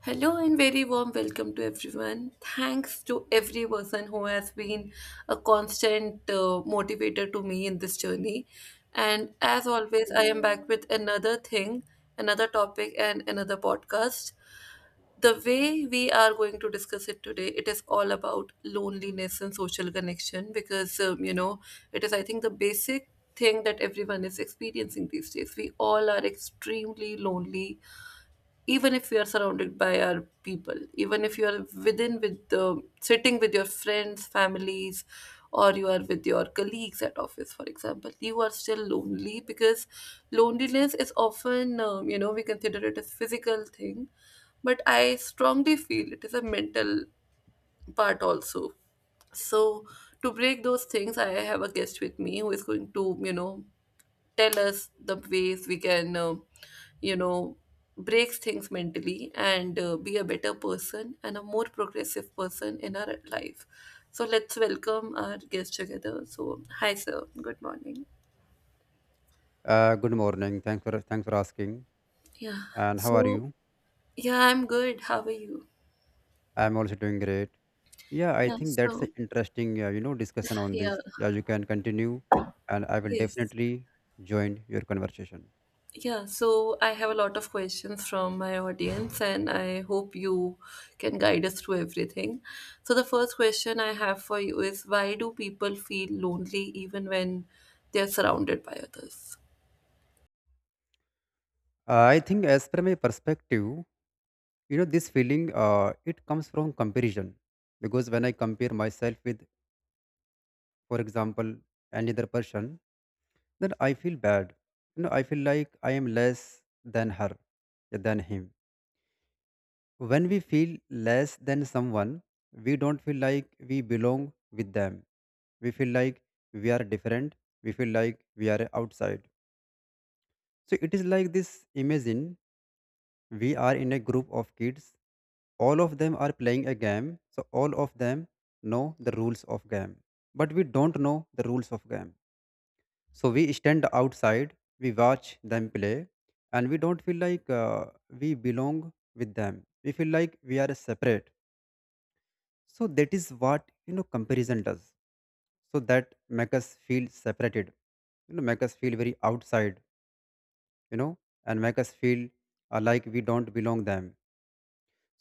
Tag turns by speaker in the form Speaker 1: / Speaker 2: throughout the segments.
Speaker 1: Hello and very warm welcome to everyone. Thanks to every person who has been a constant motivator to me in this journey. And as always, I am back with another thing, another topic, and another podcast. The way we are going to discuss it today, it is all about loneliness and social connection because, it is, I think, the basic thing that everyone is experiencing these days. We all are extremely lonely even if you are surrounded by our people, even if you are within with the sitting with your friends, families, or you are with your colleagues at office, for example, you are still lonely because loneliness is often we consider it as physical thing, but I strongly feel it is a mental part also. So, to break those things, I have a guest with me who is going to tell us the ways we can you know breaks things mentally and be a better person and a more progressive person in our life. So let's welcome our guest together. So hi sir, good morning.
Speaker 2: Good morning. Thanks for asking.
Speaker 1: Yeah.
Speaker 2: And how are
Speaker 1: So
Speaker 2: you?
Speaker 1: yeah, I'm good. How are you?
Speaker 2: I'm also doing great. Yeah, I
Speaker 1: Yeah.
Speaker 2: think that's an
Speaker 1: So
Speaker 2: interesting, discussion on
Speaker 1: yeah.
Speaker 2: this. Yeah, you can continue, and I will
Speaker 1: Yes.
Speaker 2: definitely join your conversation.
Speaker 1: Yeah, so I have a lot of questions from my audience, and I hope you can guide us through everything. So, the first question I have for you is why do people feel lonely even when they are surrounded by others?
Speaker 2: I think, as per my perspective, you know, this feeling, it comes from comparison, because when I compare myself with, for example, any other person, then I feel bad. You know, I feel like I am less than her, than him. When we feel less than someone, we don't feel like we belong with them. We feel like we are different. We feel like we are outside. So it is like this, imagine we are in a group of kids. All of them are playing a game. So all of them know the rules of game. But we don't know the rules of game. So we stand outside, we watch them play, and we don't feel like we belong with them. We feel like we are separate, so that is what, you know, comparison does. So that make us feel separated, you know, make us feel very outside, you know, and make us feel like we don't belong them.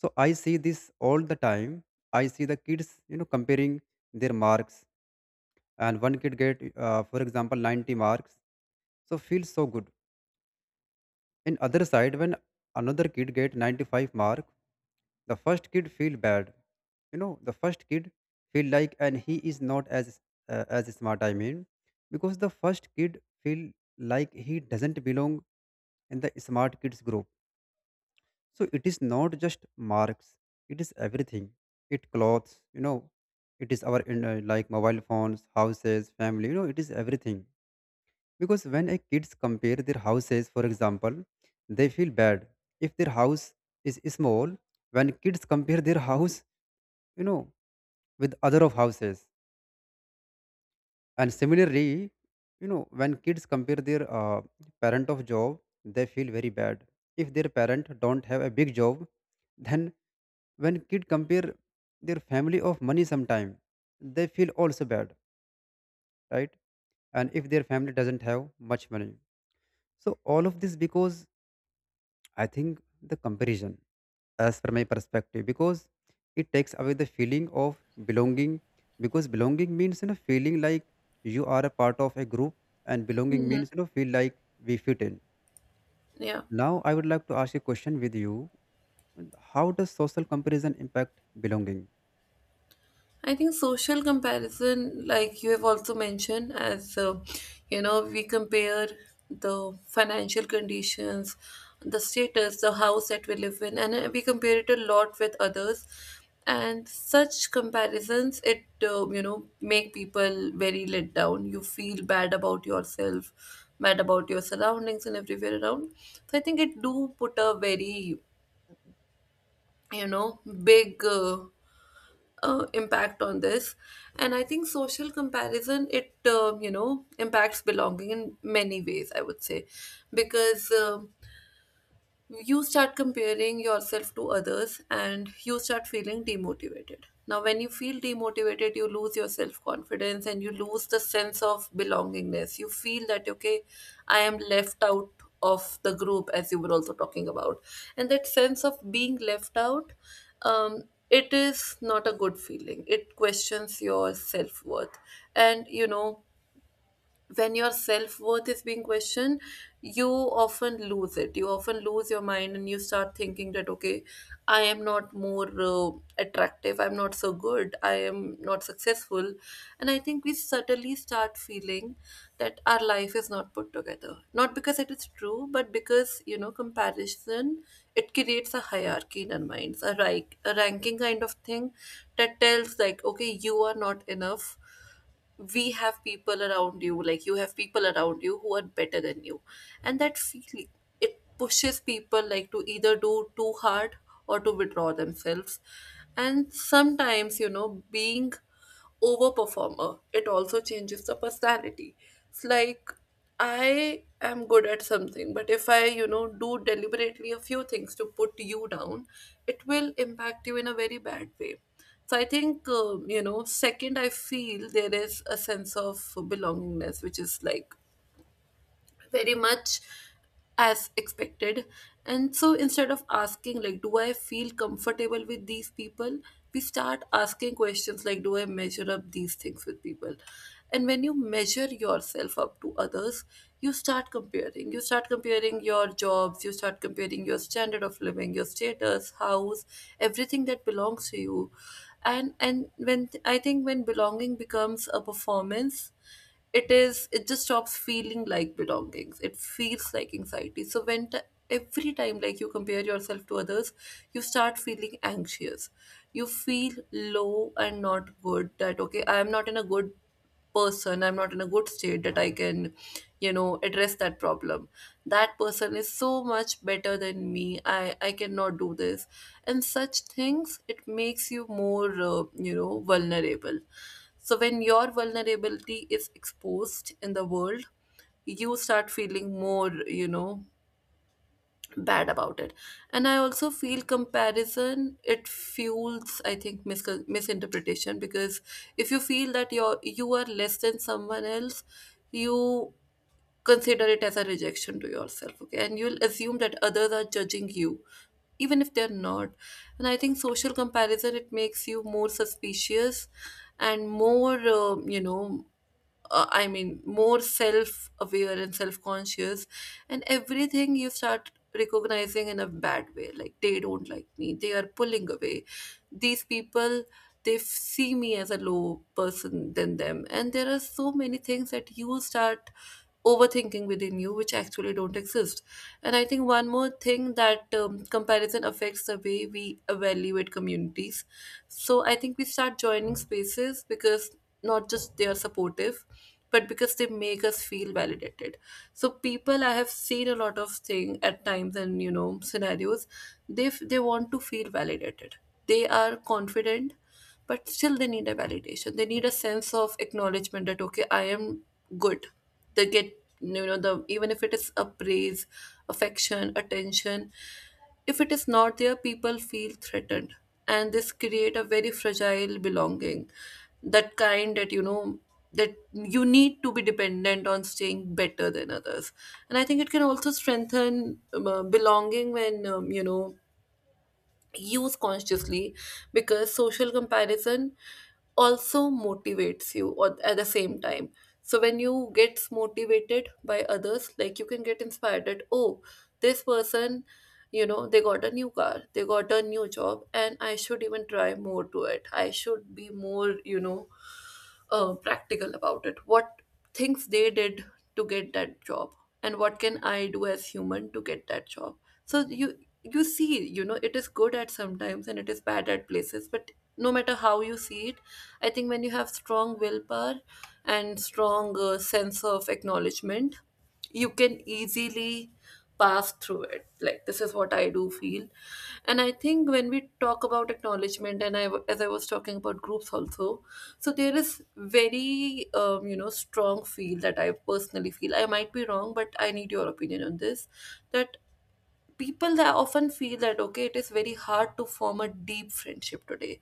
Speaker 2: So I see this all the time. I see the kids, you know, comparing their marks, and one kid get for example 90 marks, so feels so good. In other side, when another kid get 95 mark, the first kid feel bad. You know, the first kid feel like and he is not as as smart. I mean, because the first kid feel like he doesn't belong in the smart kids group. So it is not just marks; it is everything. It clothes, you know, it is our in, like mobile phones, houses, family. You know, it is everything. Because when a kids compare their houses, for example, they feel bad if their house is small. When kids compare their house, you know, with other of houses, and similarly, you know, when kids compare their parent of job, they feel very bad if their parent don't have a big job. Then when kid compare their family of money, sometime they feel also bad, right? And if their family doesn't have much money, so all of this because I think the comparison, as per my perspective, because it takes away the feeling of belonging. Because belonging means, you know, feeling like you are a part of a group, and belonging means, you know, feel like we fit in.
Speaker 1: Yeah.
Speaker 2: Now I would like to ask a question with you: how does social comparison impact belonging?
Speaker 1: I think social comparison, like you have also mentioned, as you know, we compare the financial conditions, the status, the house that we live in, and we compare it a lot with others. And such comparisons, it you know, make people very let down. You feel bad about yourself, bad about your surroundings, and everywhere around. So I think it do put a very, you know, big impact on this. And I think social comparison, it you know, impacts belonging in many ways, I would say, because you start comparing yourself to others and you start feeling demotivated. Now, when you feel demotivated, you lose your self confidence and you lose the sense of belongingness. You feel that, okay, I am left out of the group, as you were also talking about. And that sense of being left out, um, it is not a good feeling. It questions your self worth. And, you know, when your self worth is being questioned, you often lose it. You often lose your mind and you start thinking that, okay, I am not more attractive, I'm not so good, I am not successful. And I think we suddenly start feeling that our life is not put together. Not because it is true, but because, you know, comparison, it creates a hierarchy in our minds, a, rank, a ranking kind of thing that tells, like, okay, you are not enough, we have people around you, like you have people around you who are better than you. And that feeling, it pushes people like to either do too hard or to withdraw themselves. And sometimes, you know, being over performer, it also changes the personality. It's like, I am good at something, but if I, you know, do deliberately a few things to put you down, it will impact you in a very bad way. So I think, you know, second, I feel there is a sense of belongingness, which is like very much as expected. And so instead of asking like, do I feel comfortable with these people, we start asking questions like, do I measure up these things with people. And when you measure yourself up to others, you start comparing, you start comparing your jobs, you start comparing your standard of living, your status, house, everything that belongs to you. And when I think when belonging becomes a performance, it is, it just stops feeling like belongings, it feels like anxiety. So when every time like you compare yourself to others, you start feeling anxious, you feel low and not good that okay, I am not in a good person, I'm not in a good state that I can, you know, address that problem. That person is so much better than me, I cannot do this. And such things, it makes you more you know, vulnerable. So, when your vulnerability is exposed in the world, you start feeling more, you know, bad about it. And I also feel comparison, it fuels, I think, misinterpretation because if you feel that you are less than someone else, you consider it as a rejection to yourself, okay, and you'll assume that others are judging you even if they're not. And I think social comparison, it makes you more suspicious and more you know, I mean, more self aware and self conscious. And everything you start recognizing in a bad way, like they don't like me, they are pulling away, these people, they see me as a low person than them, and there are so many things that you start overthinking within you which actually don't exist. And I think one more thing, that comparison affects the way we evaluate communities. So I think we start joining spaces because not just they are supportive, but because they make us feel validated. So people, I have seen a lot of thing at times and you know scenarios, they they want to feel validated. They are confident, but still they need a validation, they need a sense of acknowledgement that okay, I am good. They get, you know, the, even if it is a praise, affection, attention, if it is not there, people feel threatened. And this create a very fragile belonging, that kind that you know, that you need to be dependent on staying better than others. And I think it can also strengthen belonging when, you know, use consciously. Because social comparison also motivates you or at the same time. So when you get motivated by others, like you can get inspired that oh, this person, you know, they got a new car, they got a new job, and I should even try more to it, I should be more, you know, practical about it, what things they did to get that job, and what can I do as human to get that job. So you see, you know, it is good at sometimes and it is bad at places, but no matter how you see it, I think when you have strong willpower and strong sense of acknowledgement, you can easily pass through it, like this is what I do feel. And I think when we talk about acknowledgement, and as I was talking about groups also, so there is very you know, strong feel that I personally feel, I might be wrong but I need your opinion on this, that people that often feel that okay, it is very hard to form a deep friendship today.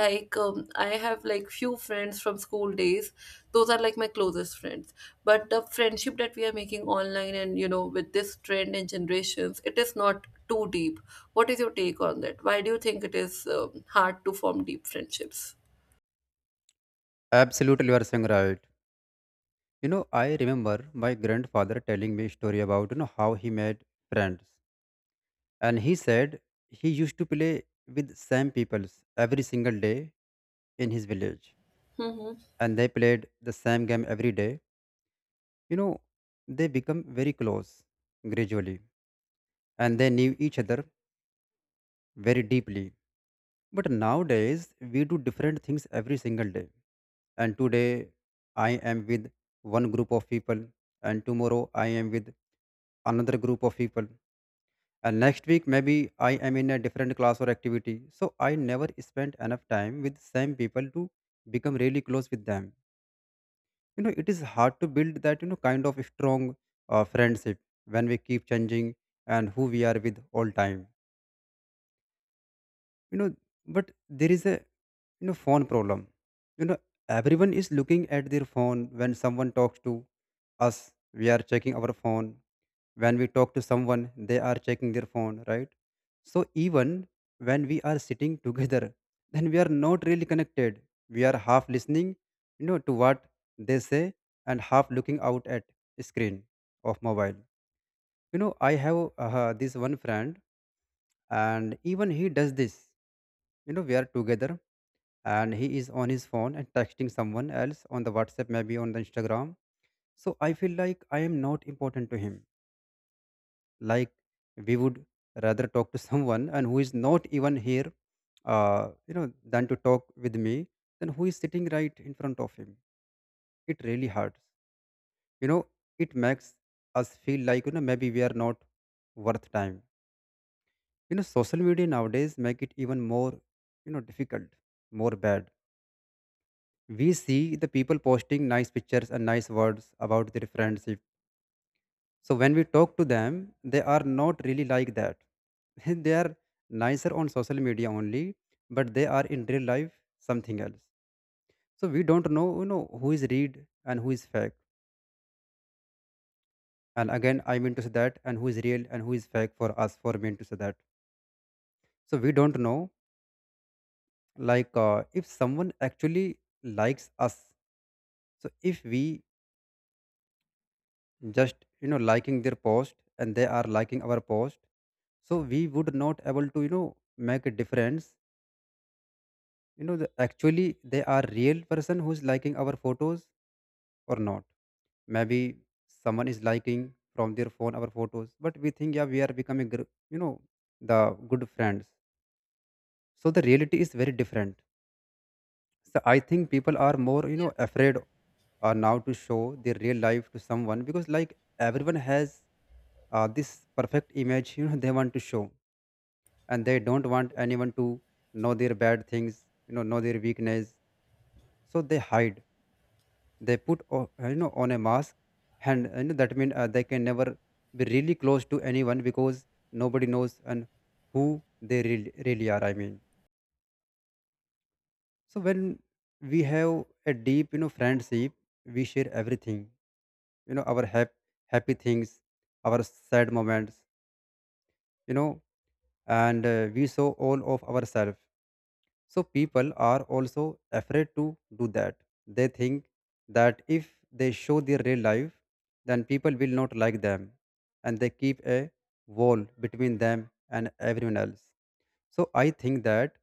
Speaker 1: Like I have like few friends from school days, those are like my closest friends, but the friendship that we are making online and you know, with this trend and generations, it is not too deep. What is your take on that? Why do you think it is hard to form deep friendships?
Speaker 2: Absolutely, you are saying right. You know, I remember my grandfather telling me a story about, you know, how he made friends. And he said he used to play with same peoples every single day in his village. And they played the same game every day. You know, they become very close gradually. And they knew each other very deeply. But nowadays, we do different things every single day. And today, I am with one group of people. And tomorrow, I am with another group of people, and next week maybe I am in a different class or activity. So I never spent enough time with same people to become really close with them. You know, it is hard to build that, you know, kind of strong friendship when we keep changing and who we are with all time, you know. But there is a, you know, phone problem. You know, everyone is looking at their phone. When someone talks to us, we are checking our phone. When we talk to someone, they are checking their phone, right? So even when we are sitting together, then we are not really connected. We are half listening, you know, to what they say, and half looking out at screen of mobile. You know, I have this one friend, and even he does this. You know, we are together, and he is on his phone and texting someone else on the whatsapp, maybe on the instagram. So I feel like I am not important to him. Like, we would rather talk to someone and who is not even here, you know, than to talk with me, then who is sitting right in front of him. It really hurts, you know. It makes us feel like, you know, maybe we are not worth time. You know, social media nowadays make it even more, you know, difficult, more bad. We see the people posting nice pictures and nice words about their friends. So when we talk to them, they are not really like that. They are nicer on social media only, but they are in real life something else. So we don't know, you know, who is read and who is fake. And again, I mean to say that, and who is real and who is fake for us, for me to say that. So we don't know, like, if someone actually likes us. So if we just, you know, liking their post and they are liking our post, so we would not able to, you know, make a difference, you know the, actually they are real person who's liking our photos or not. Maybe someone is liking from their phone our photos, but we think yeah we are becoming you know the good friends. So the reality is very different. So I think people are more, you know, afraid now to show their real life to someone, because like everyone has this perfect image, you know, they want to show, and they don't want anyone to know their bad things, you know their weakness. So they hide, they put you know, on a mask, and you know, that means they can never be really close to anyone because nobody knows and who they really, really are, I mean. So when we have a deep, you know, friendship, we share everything, you know, our happy things, our sad moments, you know, and we show all of ourselves. So people are also afraid to do that. They think that if they show their real life, then people will not like them and they keep a wall between them and everyone else. So I think that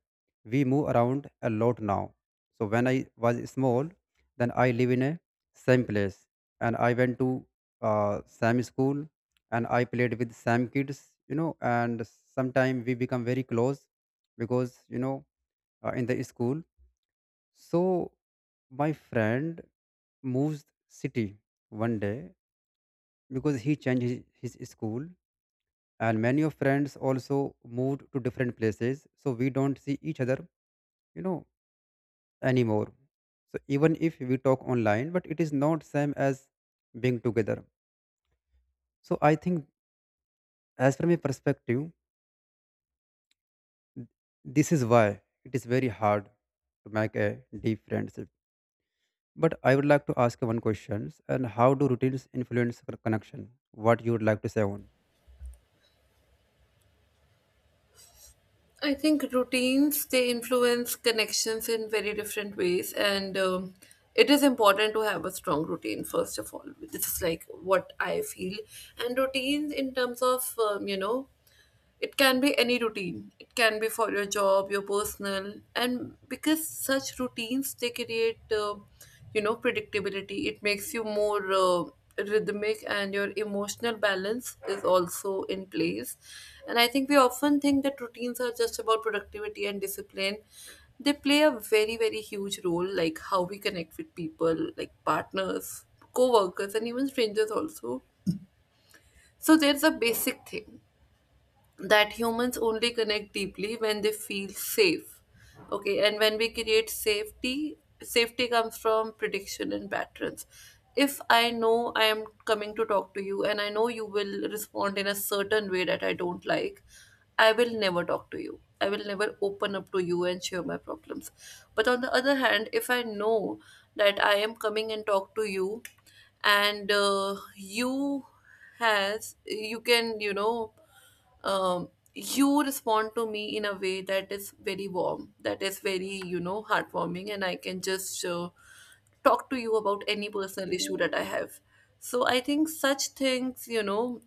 Speaker 2: we move around a lot now. So when I was small, then I live in a same place, and I went to same school, and I played with same kids, you know, and sometime we become very close because, you know, in the school. So my friend moves city one day because he changed his school, and many of friends also moved to different places, so we don't see each other, you know, anymore. So even if we talk online, but it is not same as being together. So I think, as from a perspective, this is why it is very hard to make a deep friendship. But I would like to ask you one question: and how do routines influence connection? What you would like to say on?
Speaker 1: I think routines they influence connections in very different ways, and it is important to have a strong routine first of all. This is like what I feel, and routines in terms of, you know, it can be any routine. It can be for your job, your personal, and because such routines they create, you know, predictability. It makes you more rhythmic, and your emotional balance is also in place. And I think we often think that routines are just about productivity and discipline. They play a very very huge role, like how we connect with people, like partners, co-workers, and even strangers also. So there's a basic thing that humans only connect deeply when they feel safe, okay, and when we create safety, safety comes from prediction and patterns. If I know I am coming to talk to you and I know you will respond in a certain way that I don't like, I will never talk to you, I will never open up to you and share my problems. But on the other hand, if I know that I am coming and talk to you, and you has, you can, you know, um, you respond to me in a way that is very warm, that is very, you know, heartwarming, and I can just talk to you about any personal issue that I have. So I think such things, you know,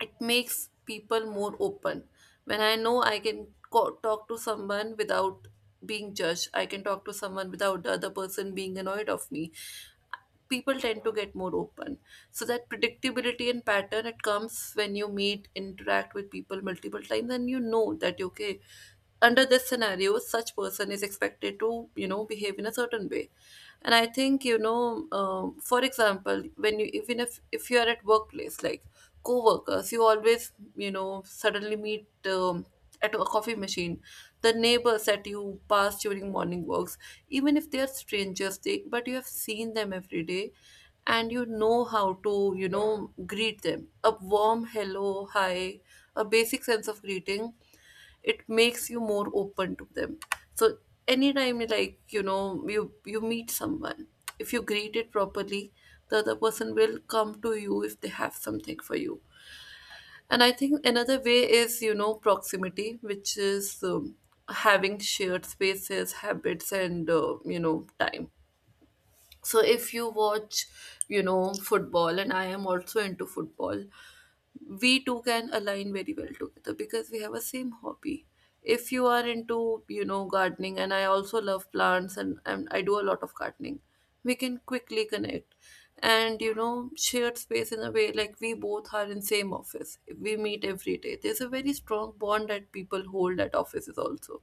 Speaker 1: it makes people more open. When I know I can talk to someone without being judged, I can talk to someone without the other person being annoyed of me, people tend to get more open. So that predictability and pattern, it comes when you meet, interact with people multiple times, and you know that okay, under this scenario such person is expected to behave in a certain way. And I think, for example, when you, even if you are at workplace, like co-workers, you always, you know, suddenly meet, at a coffee machine, the neighbors that you pass during morning walks, even if they are strangers, they, but you have seen them every day, and you know how to, you know, greet them, a warm hello, hi, a basic sense of greeting, it makes you more open to them. So anytime, like, you know, you meet someone, if you greet it properly, the other person will come to you if they have something for you. And I think another way is, you know, proximity, which is, having shared spaces, habits, and, you know, time. So if you watch, you know, football, and I am also into football, we two can align very well together because we have a same hobby. If you are into, you know, gardening, and I also love plants, and I do a lot of gardening, we can quickly connect. And you know, shared space, in a way, like we both are in same office, we meet every day, there's a very strong bond that people hold at offices also.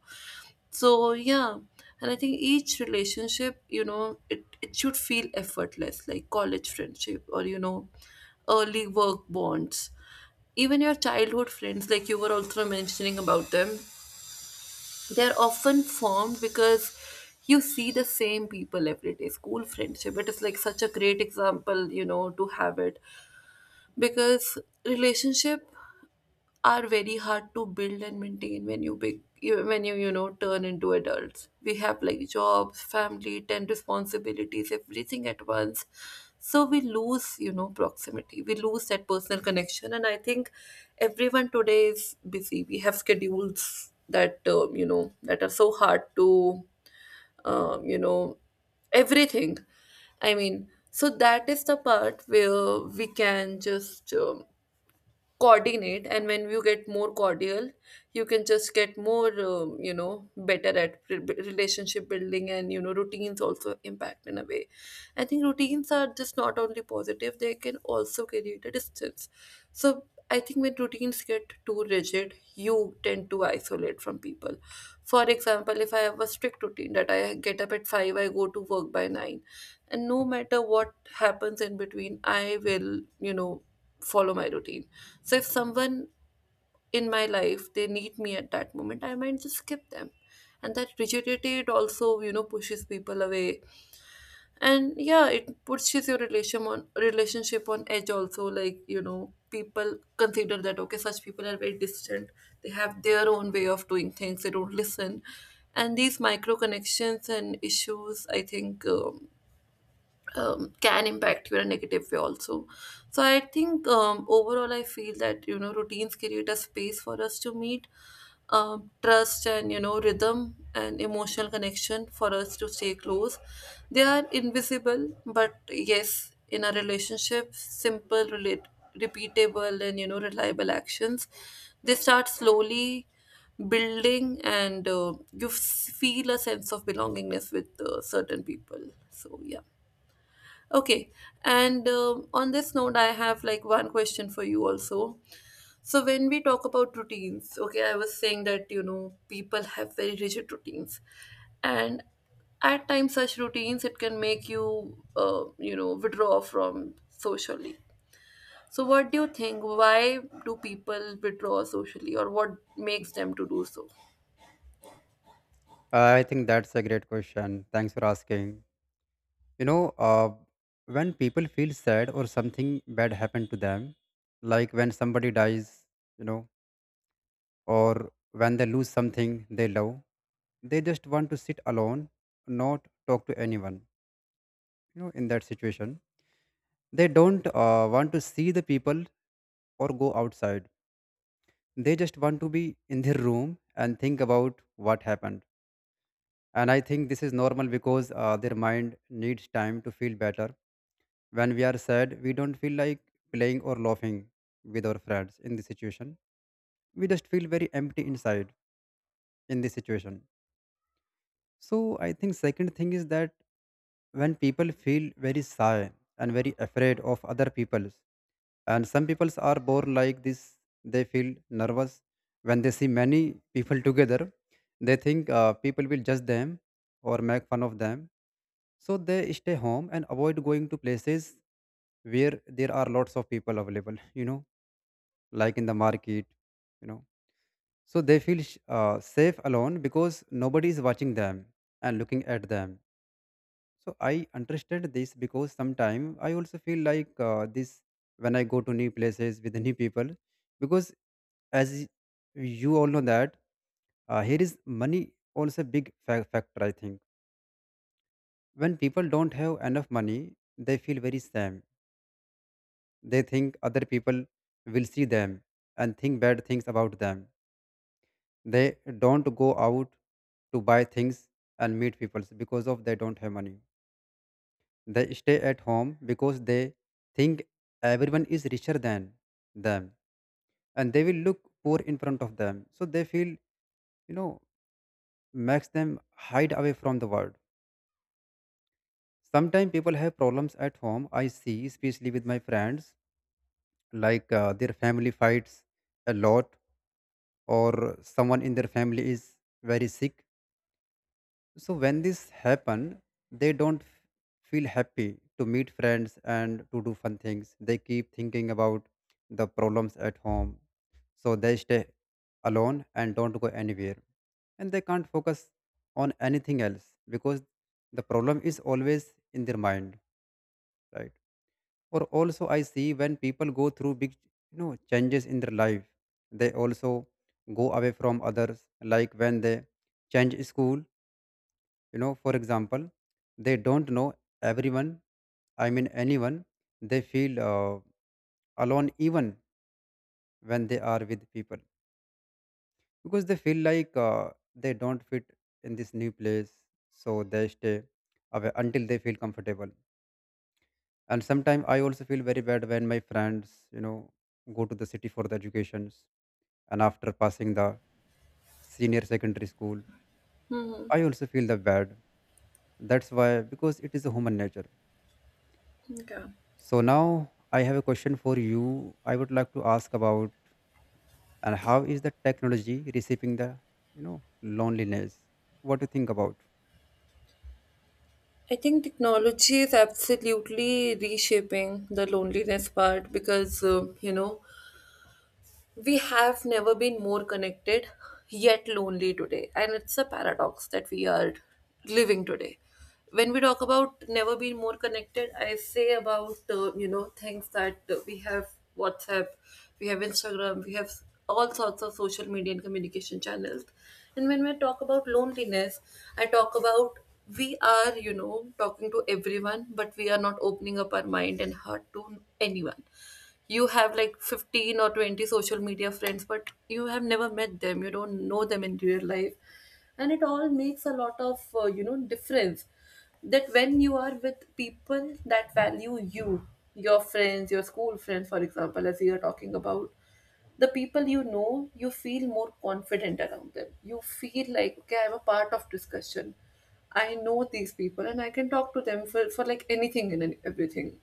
Speaker 1: So yeah, and I think each relationship, you know, it should feel effortless, like college friendship or you know, early work bonds. Even your childhood friends, like you were also mentioning about them, they're often formed because you see the same people every day. School friendship, it is like such a great example, you know, to have it, because relationship are very hard to build and maintain when you big when you know, turn into adults, we have like jobs, family, 10 responsibilities, everything at once. So we lose, you know, proximity, we lose that personal connection. And I think everyone today is busy, we have schedules that, you know, that are so hard to, um, you know everything, I mean, so that is the part where we can just, coordinate, and when you get more cordial, you can just get more, you know, better at relationship building. And you know, routines also impact in a way. I think routines are just not only positive, they can also create a distance. So I think when routines get too rigid, you tend to isolate from people. For example, if I have a strict routine that I get up at 5, I go to work by 9, and no matter what happens in between, I will, you know, follow my routine. So if someone in my life, they need me at that moment, I might just skip them. And that rigidity, it also, you know, pushes people away, and yeah, it pushes your relation on relationship on edge also. Like you know, people consider that okay, such people are very distant. They have their own way of doing things. They don't listen, and these micro connections and issues, I think. Can impact you in a negative way also. So I think, overall I feel that, you know, routines create a space for us to meet, trust, and you know, rhythm and emotional connection for us to stay close. They are invisible, but yes, in a relationship, simple, relate, repeatable, and you know, reliable actions, they start slowly building, and you feel a sense of belongingness with certain people. So yeah. Okay, and on this note, I have like one question for you also. So when we talk about routines, okay, I was saying that you know people have very rigid routines, and at times such routines it can make you, you know, withdraw from socially. So what do you think? Why do people withdraw socially, or what makes them to do so?
Speaker 2: I think that's a great question. Thanks for asking. You know, when people feel sad or something bad happened to them, like when somebody dies, you know, or when they lose something they love, they just want to sit alone, not talk to anyone. You know, in that situation, they don't want to see the people or go outside. They just want to be in their room and think about what happened. And I think this is normal because their mind needs time to feel better. When we are sad, we don't feel like playing or laughing with our friends in this situation. We just feel very empty inside in this situation. So I think second thing is that when people feel very shy and very afraid of other people's. And some people are born like this. They feel nervous when they see many people together. They think people will judge them or make fun of them. So they stay home and avoid going to places where there are lots of people available, you know, like in the market, you know. So they feel safe alone because nobody is watching them and looking at them. So I understand this, because sometimes I also feel like this when I go to new places with new people, because as you all know that here is money also big factor. I think when people don't have enough money, they feel very sad. They think other people will see them and think bad things about them. They don't go out to buy things and meet people because of they don't have money. They stay at home because they think everyone is richer than them and they will look poor in front of them. So they feel, you know, makes them hide away from the world. Sometimes people have problems at home. I see, especially with my friends, like their family fights a lot, or someone in their family is very sick. So when this happen, they don't feel happy to meet friends and to do fun things. They keep thinking about the problems at home, so they stay alone and don't go anywhere. And they can't focus on anything else because the problem is always in their mind, right? Or also I see when people go through big, you know, changes in their life, they also go away from others, like when they change school, you know, for example, they don't know everyone, I mean anyone. They feel alone even when they are with people, because they feel like they don't fit in this new place. So they stay away until they feel comfortable. And sometimes I also feel very bad when my friends, you know, go to the city for the educations, and after passing the senior secondary school, I also feel the bad. That's why, because it is a human nature.
Speaker 1: Okay,
Speaker 2: So now I have a question for you. I would like to ask about, and how is the technology receiving the, you know, loneliness? What do you think about?
Speaker 1: I think technology is absolutely reshaping the loneliness part because, you know, we have never been more connected yet lonely today, and it's a paradox that we are living today. When we talk about never been more connected, I say about, you know, things that, we have WhatsApp, we have Instagram, we have all sorts of social media and communication channels. And when we talk about loneliness, I talk about, we are, you know, talking to everyone but we are not opening up our mind and heart to anyone. You have like 15 or 20 social media friends, but you have never met them, you don't know them in real life. And it all makes a lot of, you know, difference. That when you are with people that value you, your friends, your school friends, for example, as we are talking about, the people you know, you feel more confident around them, you feel like okay, I'm a part of discussion, I know these people, and I can talk to them for like anything and everything.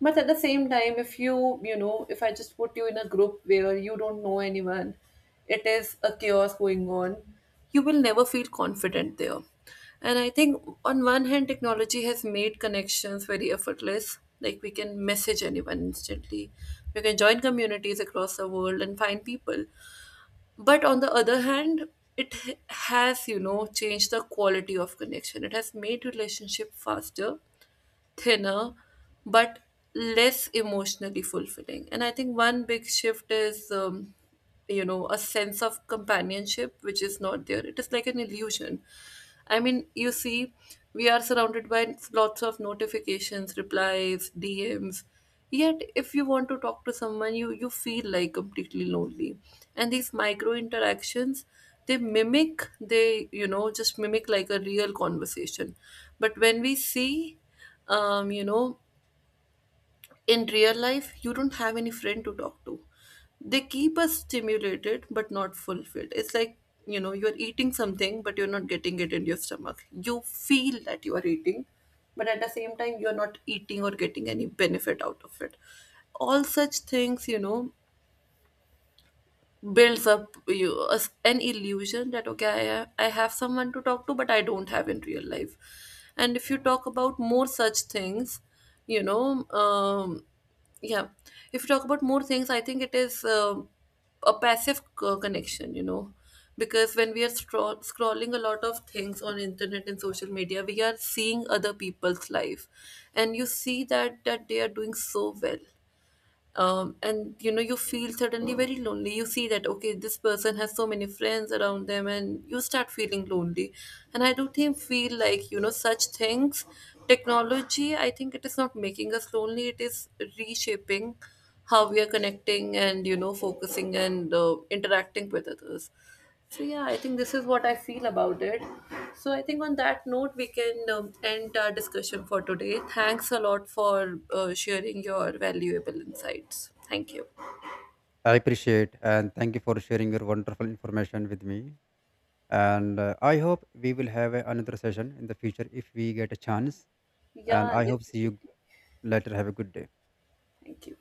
Speaker 1: But at the same time, if you, you know, if I just put you in a group where you don't know anyone, it is a chaos going on, you will never feel confident there. And I think, on one hand, technology has made connections very effortless. Like we can message anyone instantly, we can join communities across the world and find people. But on the other hand, it has, you know, changed the quality of connection. It has made relationship faster, thinner, but less emotionally fulfilling. And I think one big shift is, you know, a sense of companionship, which is not there, it is like an illusion. I mean, you see, we are surrounded by lots of notifications, replies, DMs, yet if you want to talk to someone, you feel like completely lonely. And these micro interactions, they mimic, they, you know, just mimic like a real conversation. But when we see, you know, in real life, you don't have any friend to talk to. They keep us stimulated but not fulfilled. It's like, you know, you're eating something but you're not getting it in your stomach. You feel that you are eating, but at the same time, you're not eating or getting any benefit out of it. All such things, you know, builds up you an illusion that okay, I have someone to talk to but I don't have in real life. And if you talk about more such things, you know, yeah, if you talk about more things, I think it is um, a passive connection, you know, because when we are scrolling a lot of things on internet and social media, we are seeing other people's life, and you see that that they are doing so well. And you know, you feel suddenly very lonely, you see that okay, this person has so many friends around them, and you start feeling lonely. And I do think feel like, you know, such things, technology, I think, it is not making us lonely, it is reshaping how we are connecting and you know focusing and, interacting with others. So yeah, I think this is what I feel about it. So I think on that note, we can, end our discussion for today. Thanks a lot for, sharing your valuable insights. Thank you.
Speaker 2: I appreciate and thank you for sharing your wonderful information with me. And I hope we will have another session in the future if we get a chance. And
Speaker 1: Yeah,
Speaker 2: I hope see
Speaker 1: definitely.
Speaker 2: you later. Have a good day.
Speaker 1: Thank you.